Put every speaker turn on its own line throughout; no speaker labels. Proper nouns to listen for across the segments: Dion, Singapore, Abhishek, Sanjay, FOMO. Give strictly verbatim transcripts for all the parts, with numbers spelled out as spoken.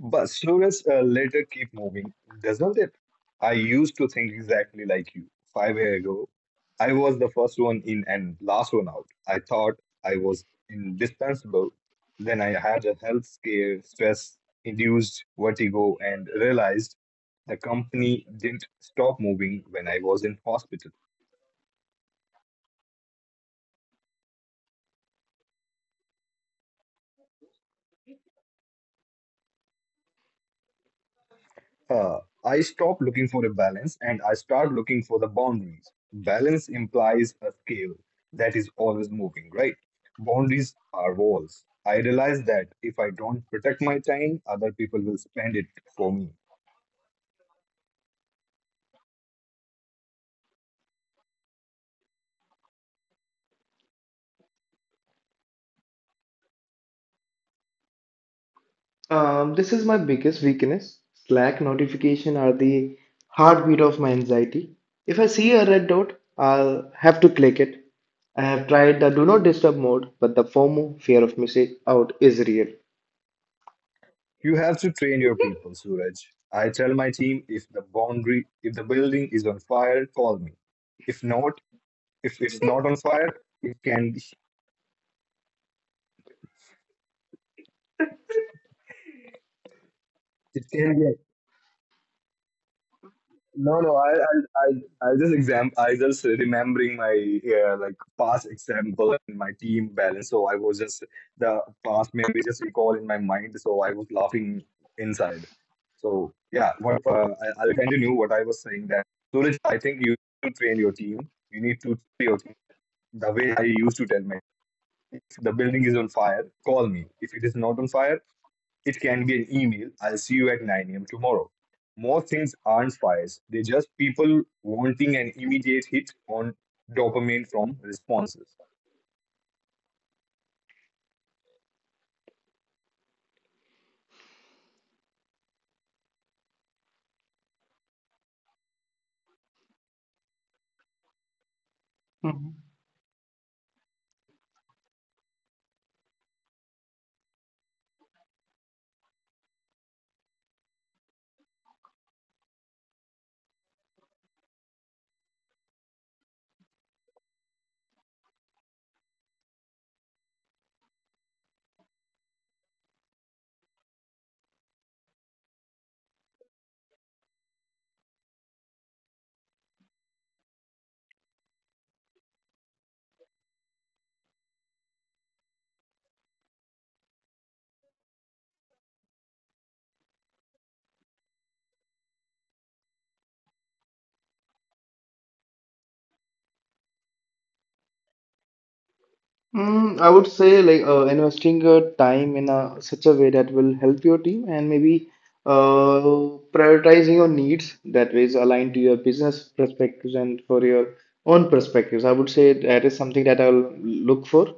But slowness uh, later keep moving, doesn't it? I used to think exactly like you. Five years ago, I was the first one in and last one out. I thought I was indispensable. Then I had a health scare, stress induced vertigo, and realized the company didn't stop moving when I was in hospital. Uh, I stop looking for a balance and I start looking for the boundaries. Balance implies a scale that is always moving, right? Boundaries are walls. I realize that if I don't protect my time, other people will spend it for me.
Um, this is my biggest weakness. Slack notification are the heartbeat of my anxiety. If I see a red dot, I'll have to click it. I have tried the do not disturb mode, but the FOMO, fear of missing out, is real.
You have to train your people, Suraj. I tell my team if the boundary, if the building is on fire, call me. If not, if it's not on fire, it can it can be no, no, I, I, I, I just exam. I just remembering my uh, like past example and my team balance. So I was just the past memory just recall in my mind. So I was laughing inside. So yeah, what, uh, I- I'll continue what I was saying that. Suraj, I think you need to train your team. You need to train your team. The way I used to tell my if the building is on fire, call me. If it is not on fire, it can be an email, I'll see you at nine a m tomorrow. Most things aren't fires, they're just people wanting an immediate hit on dopamine from responses.
Mhm. Mm, I would say, like, uh, investing your time in a such a way that will help your team, and maybe uh, prioritizing your needs that ways aligned to your business perspectives and for your own perspectives. I would say that is something that I'll look for,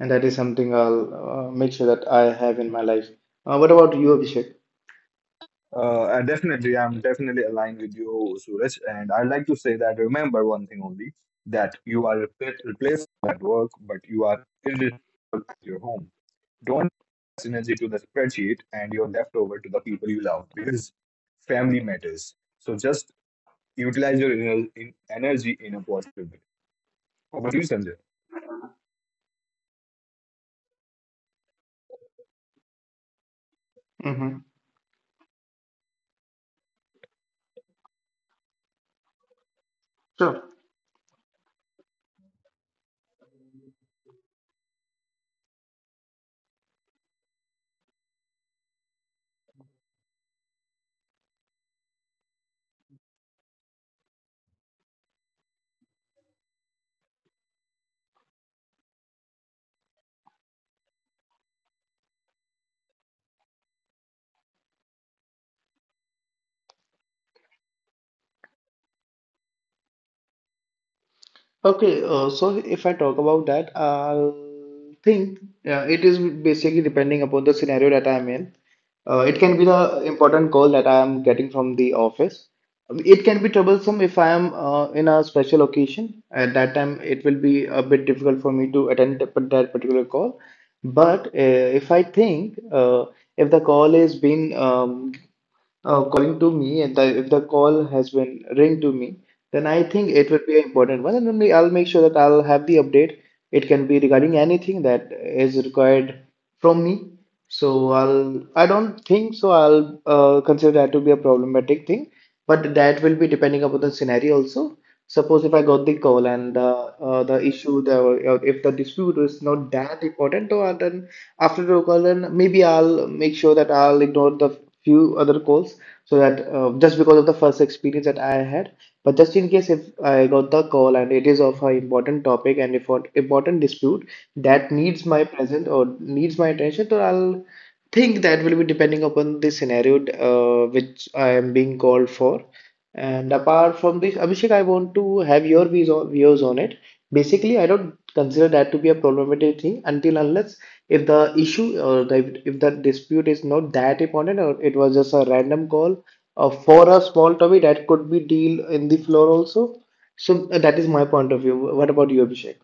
and that is something I'll uh, make sure that I have in my life. Uh, what about you, Abhishek?
Uh, and definitely, I'm definitely aligned with you, Suraj. And I'd like to say that remember one thing only that you are repla- at work, but you are irreplaceable at your home. Don't pass energy to the spreadsheet and you're left over to the people you love because family matters. So just utilize your ener- in- energy in a positive way. What do you, Sanjay?
Mm-hmm. Sure. Okay, uh, so if I talk about that, I'll think uh, it is basically depending upon the scenario that I'm in. Uh, it can be the important call that I am getting from the office. Um, It can be troublesome if I am uh, in a special occasion. At that time, it will be a bit difficult for me to attend the- that particular call. But uh, if I think, uh, if the call is being um, uh, calling to me, and the, if the call has been ring to me, then I think it will be an important one, and then we- I'll make sure that I'll have the update. It can be regarding anything that is required from me, so i'll I don't think so I'll uh, consider that to be a problematic thing. But that will be depending upon the scenario also. Suppose if I got the call and uh, uh, the issue, the uh, if the dispute is not that important, so uh, then after the call then maybe I'll make sure that I'll ignore the few other calls, so that uh, just because of the first experience that I had. But just in case, if I got the call and it is of an important topic, and if an important dispute that needs my present or needs my attention, so I'll think that will be depending upon the scenario uh, which I am being called for. And apart from this, Abhishek, I want to have your views on, views on it. Basically, I don't consider that to be a problematic thing, until unless if the issue or the, if the dispute is not that important, or it was just a random call uh, for a small topic that could be deal in the floor also. So uh, that is my point of view. What about you, Abhishek?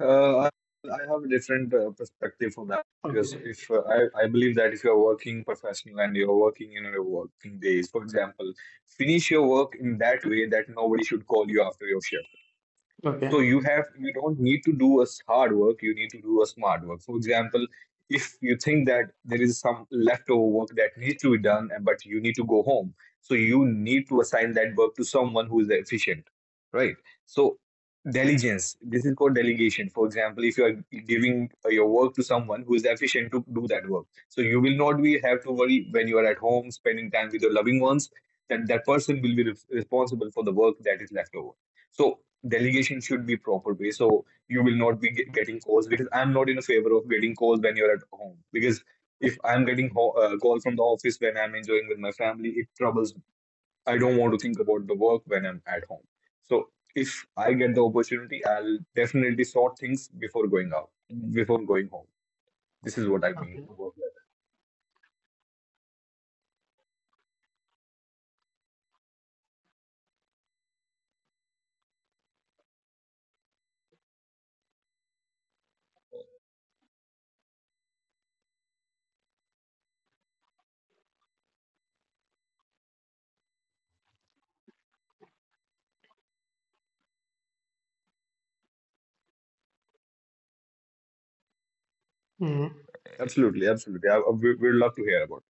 Uh, I I have a different uh, perspective for that because
Okay,
if uh, I, I believe that if you're working professional and you're working in your working days, for example, finish your work in that way that nobody should call you after your shift. So
okay,
you have you don't need to do a s- hard work, you need to do a smart work. For example, if you think that there is some leftover work that needs to be done, and but you need to go home, so you need to assign that work to someone who is efficient, right? So diligence, this is called delegation. For example, if you are giving uh, your work to someone who is efficient to do that work, so you will not be have to worry when you are at home spending time with your loving ones that that person will be re- responsible for the work that is left over. So delegation should be proper way so you will not be get- getting calls because I'm not in a favor of getting calls when you're at home because if I'm getting ho- uh, call from the office when I'm enjoying with my family, it troubles me. I don't want to think about the work when I'm at home, so if I get the opportunity, I'll definitely sort things before going out before going home. This is what I mean
okay.
about that.
Mm-hmm.
Absolutely, absolutely. I, I- we, we'd love to hear about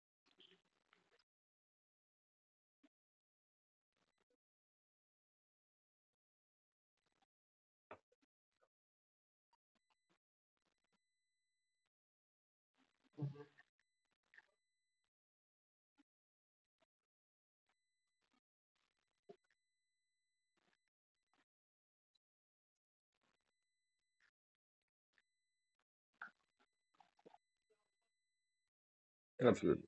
it. Absolutely,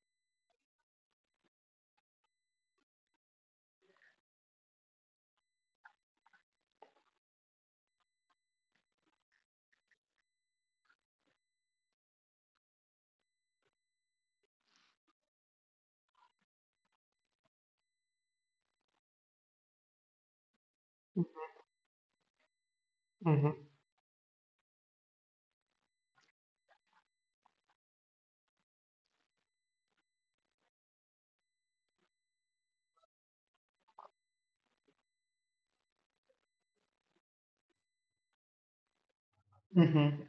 Mm-hmm.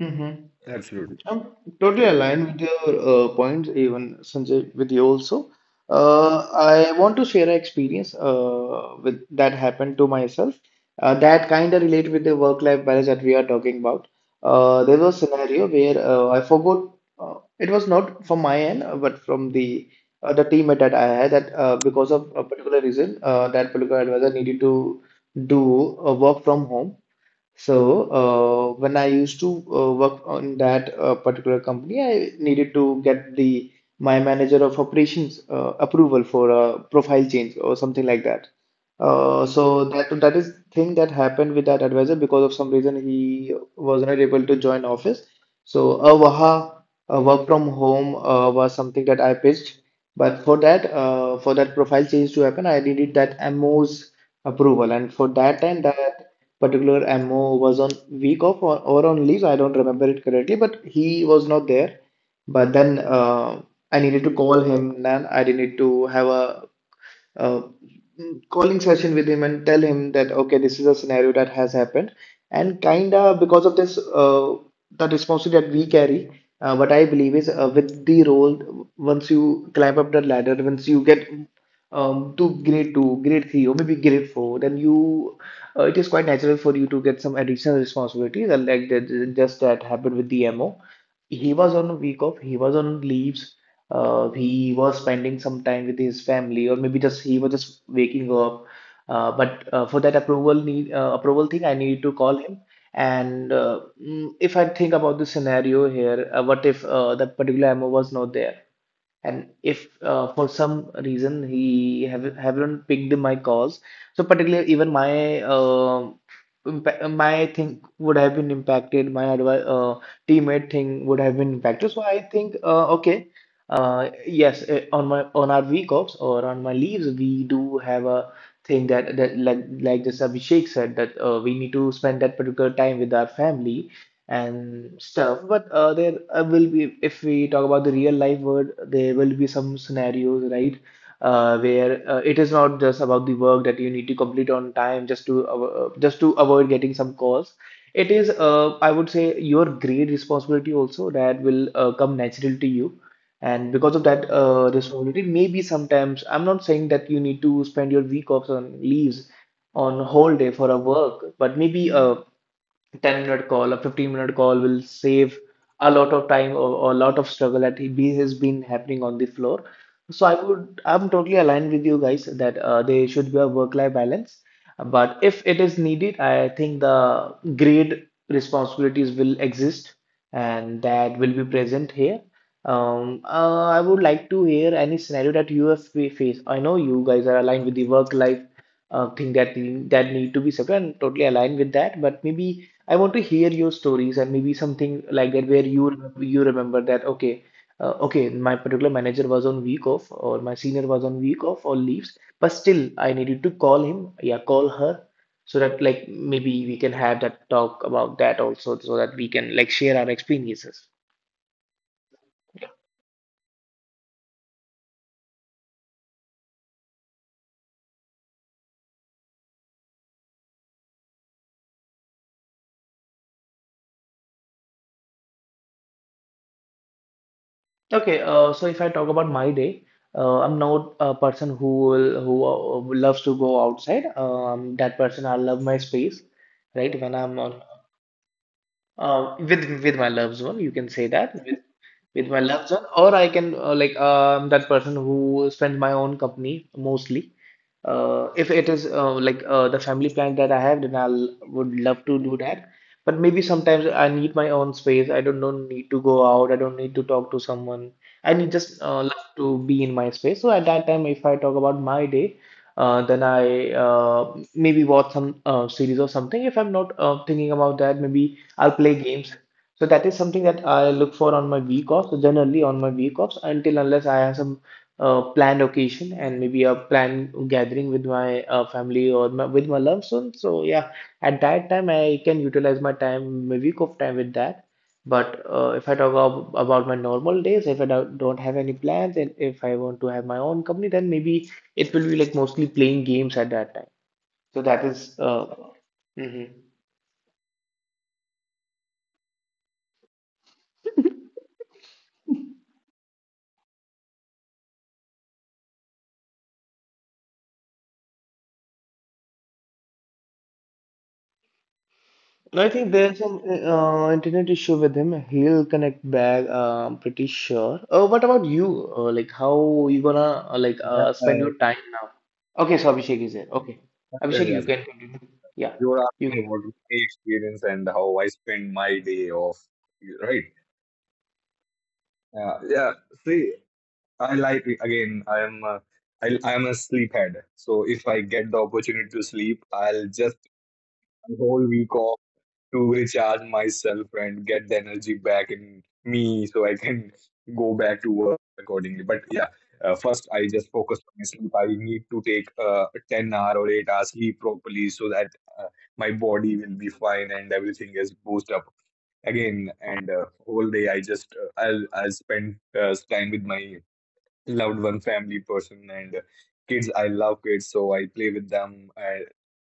Mm-hmm.
absolutely,
I'm totally
totally.
aligned with your uh, points, even Sanjay, with you also. Uh, I want to share an experience uh, with that happened to myself. Uh, that kind of relate with the work-life balance that we are talking about. Uh, there was a scenario where uh, I forgot. Uh, it was not from my end, uh, but from the uh, the teammate that I had. That, uh, because of a particular reason, uh, that particular advisor needed to do uh, work from home. So, uh, when I used to uh, work on that uh, particular company, I needed to get the my manager of operations uh, approval for a profile change or something like that. Uh, so that that is thing that happened with that advisor. Because of some reason, he was not able to join office. So a Waha a work from home uh, was something that I pitched, but for that uh, for that profile change to happen, I needed that M O's approval, and for that time that particular M O was on week off or, or on leave. I don't remember it correctly, but he was not there. But then, uh, I needed to call him, and I didn't need to have a uh, calling session with him and tell him that okay, this is a scenario that has happened. And kinda, because of this, uh, the responsibility that we carry, uh, what I believe is, uh, with the role, once you climb up the ladder, once you get um, to grade two, grade three, or maybe grade four, then you uh, it is quite natural for you to get some additional responsibilities uh, like that. Just that happened with the M O. He was on a week off, he was on leaves. Uh, he was spending some time with his family, or maybe just he was just waking up. Uh, but uh, for that approval need, uh, approval thing, I need to call him. And uh, mm, if I think about the scenario here, uh, what if uh, that particular ammo was not there? And if uh, for some reason he have, haven't picked my calls, so particularly even my uh, impa- my thing would have been impacted, my advi- uh, teammate thing would have been impacted. So I think, uh, okay, uh, yes, eh, on my on our week offs or on my leaves, we do have a thing that, that like like just Abhishek said, that uh, we need to spend that particular time with our family and stuff. But uh, there uh, will be, if we talk about the real life world, there will be some scenarios, right? Uh, where uh, it is not just about the work that you need to complete on time, just to avo- uh, just to avoid getting some calls. It is, uh, I would say, your great responsibility also that will uh, come natural to you. And because of that uh, responsibility, maybe sometimes, I'm not saying that you need to spend your week offs on leaves on whole day for a work, but maybe uh, ten minute call, a fifteen minute call will save a lot of time or, or a lot of struggle that he be, has been happening on the floor. So i would i'm totally aligned with you guys, that uh, there should be a work life balance, but if it is needed, I think the grade responsibilities will exist, and that will be present here. um, uh, I would like to hear any scenario that you have fa- faced. I know you guys are aligned with the work life uh, thing that that need to be separate, and totally aligned with that. But maybe I want to hear your stories, and maybe something like that where you remem- you remember that okay uh, okay my particular manager was on week off, or my senior was on week off or leaves, but still I needed to call him, yeah, call her. So that, like, maybe we can have that talk about that also, so that we can, like, share our experiences. Okay, uh, so if I talk about my day, uh, I'm not a person who will, who uh, loves to go outside. Um, that person, I love my space, right? When I'm on uh, with with my loved one, you can say that, with with my loved one, or I can, uh, like, um that person who spends my own company mostly. Uh, if it is, uh, like, uh, the family plan that I have, then I would love to do that. But maybe sometimes I need my own space. I don't, don't need to go out. I don't need to talk to someone. I need just, uh, love to be in my space. So at that time, if I talk about my day, uh, then I uh, maybe watch some uh, series or something. If I'm not uh, thinking about that, maybe I'll play games. So that is something that I look for on my week offs. So generally on my week offs, until unless I have some a planned occasion, and maybe a planned gathering with my uh, family, or my, with my loved one. So yeah, at that time I can utilize my time, my week of time with that. But uh, if I talk ab- about my normal days, if I do- don't have any plans, and if I want to have my own company, then maybe it will be like mostly playing games at that time. So that is, uh, mhm. No, I think there's some uh, internet issue with him. He'll connect back. Uh, I'm pretty sure. Uh, what about you? Uh, like, how you gonna, uh, like,
Yeah,
uh, spend
uh,
your time now? Okay, so Abhishek is there. Okay,
yeah,
Abhishek,
yeah.
you can continue. Yeah,
You're
you.
asking about my experience and how I spend my day off, right? Yeah, yeah. See, I like again. I am a, I, I am a sleephead. So if I get the opportunity to sleep, I'll just a whole week off to recharge myself and get the energy back in me so I can go back to work accordingly. But yeah, uh, first I just focus on my sleep. I need to take uh, ten hour or eight hours sleep properly so that uh, my body will be fine and everything is boost up again. And uh, whole day I just uh, I'll I'll spend uh, time with my loved one family person and kids. I love kids so I play with them. I,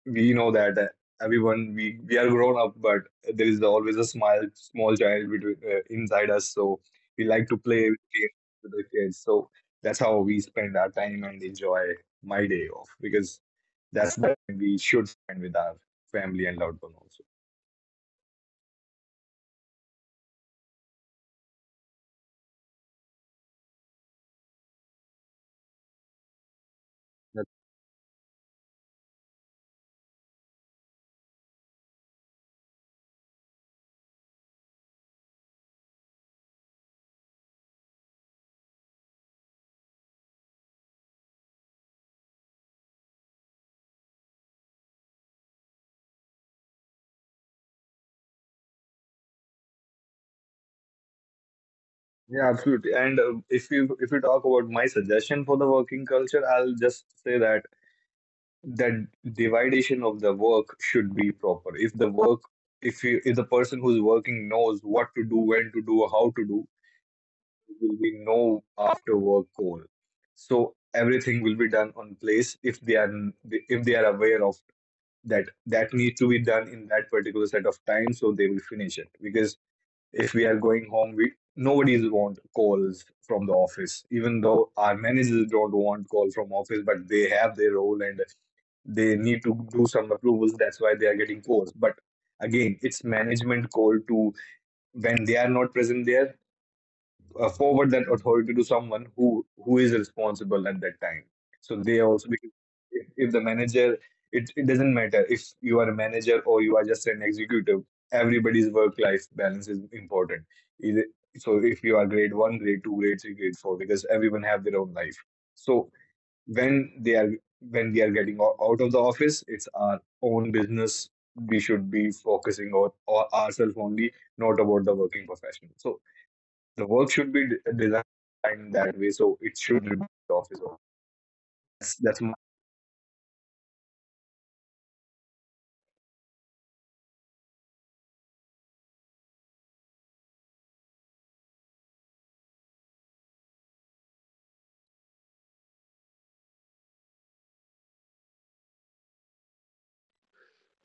We know that uh, everyone we we are grown up but there is always a smile small child between uh, inside us so we like to play with kids, with the kids so that's how we spend our time and enjoy my day off because that's the time we should spend with our family and loved one also. That- yeah absolutely and uh, if you if you talk about my suggestion for the working culture I'll just say that that dividation of the work should be proper. If the work, if you, if the person who's working knows what to do, when to do, how to do, there will be no after work call. So everything will be done on place if they are if they are aware of that that needs to be done in that particular set of time, so they will finish it. Because if we are going home, we nobody's want calls from the office even though our managers don't want call from office but they have their role and they need to do some approvals. That's why they are getting forced. But again, it's management call to when they are not present there, uh, forward that authority to someone who who is responsible at that time. So they also because if, if the manager, it it doesn't matter if you are a manager or you are just an executive. Everybody's work life balance is important. Either- So if you are grade one, grade two, grade three, grade four, because everyone have their own life. So when they are when we are getting o- out of the office it's our own business we should be focusing on or ourselves only not about the working professional so the work should be d- designed that way so it should be the office that's, that's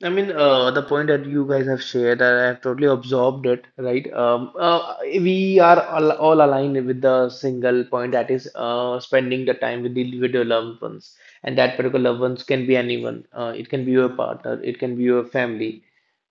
I mean, uh, the point that you guys have shared, I have totally absorbed it, right? Um, uh, we are all, all aligned with the single point, that is uh, spending the time with the with your loved ones, and that particular loved ones can be anyone. Uh, it can be your partner, it can be your family.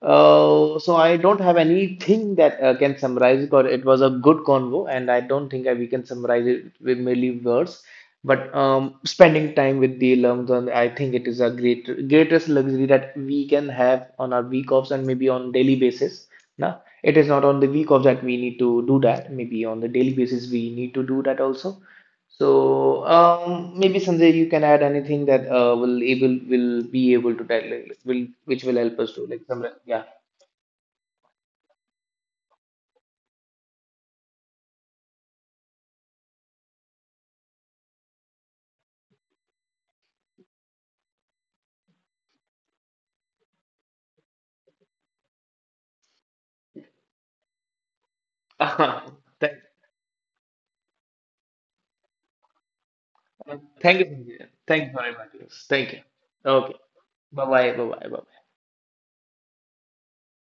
Uh, so I don't have anything that uh, can summarize it, or it was a good convo, and I don't think I, we can summarize it with merely words. But um, spending time with the loved one, I think it is a great greatest luxury that we can have on our week offs, and maybe on daily basis. Nah, it is not on the week off that we need to do that. Maybe on the daily basis we need to do that also. So um, maybe Sanjay, you can add anything that uh, will able will be able to tell, like, will which will help us to, like, summarize. Yeah. Thank, thank you, Sanjay. Thank you for inviting us. Thank you. Okay. Bye bye. Bye bye. Bye bye.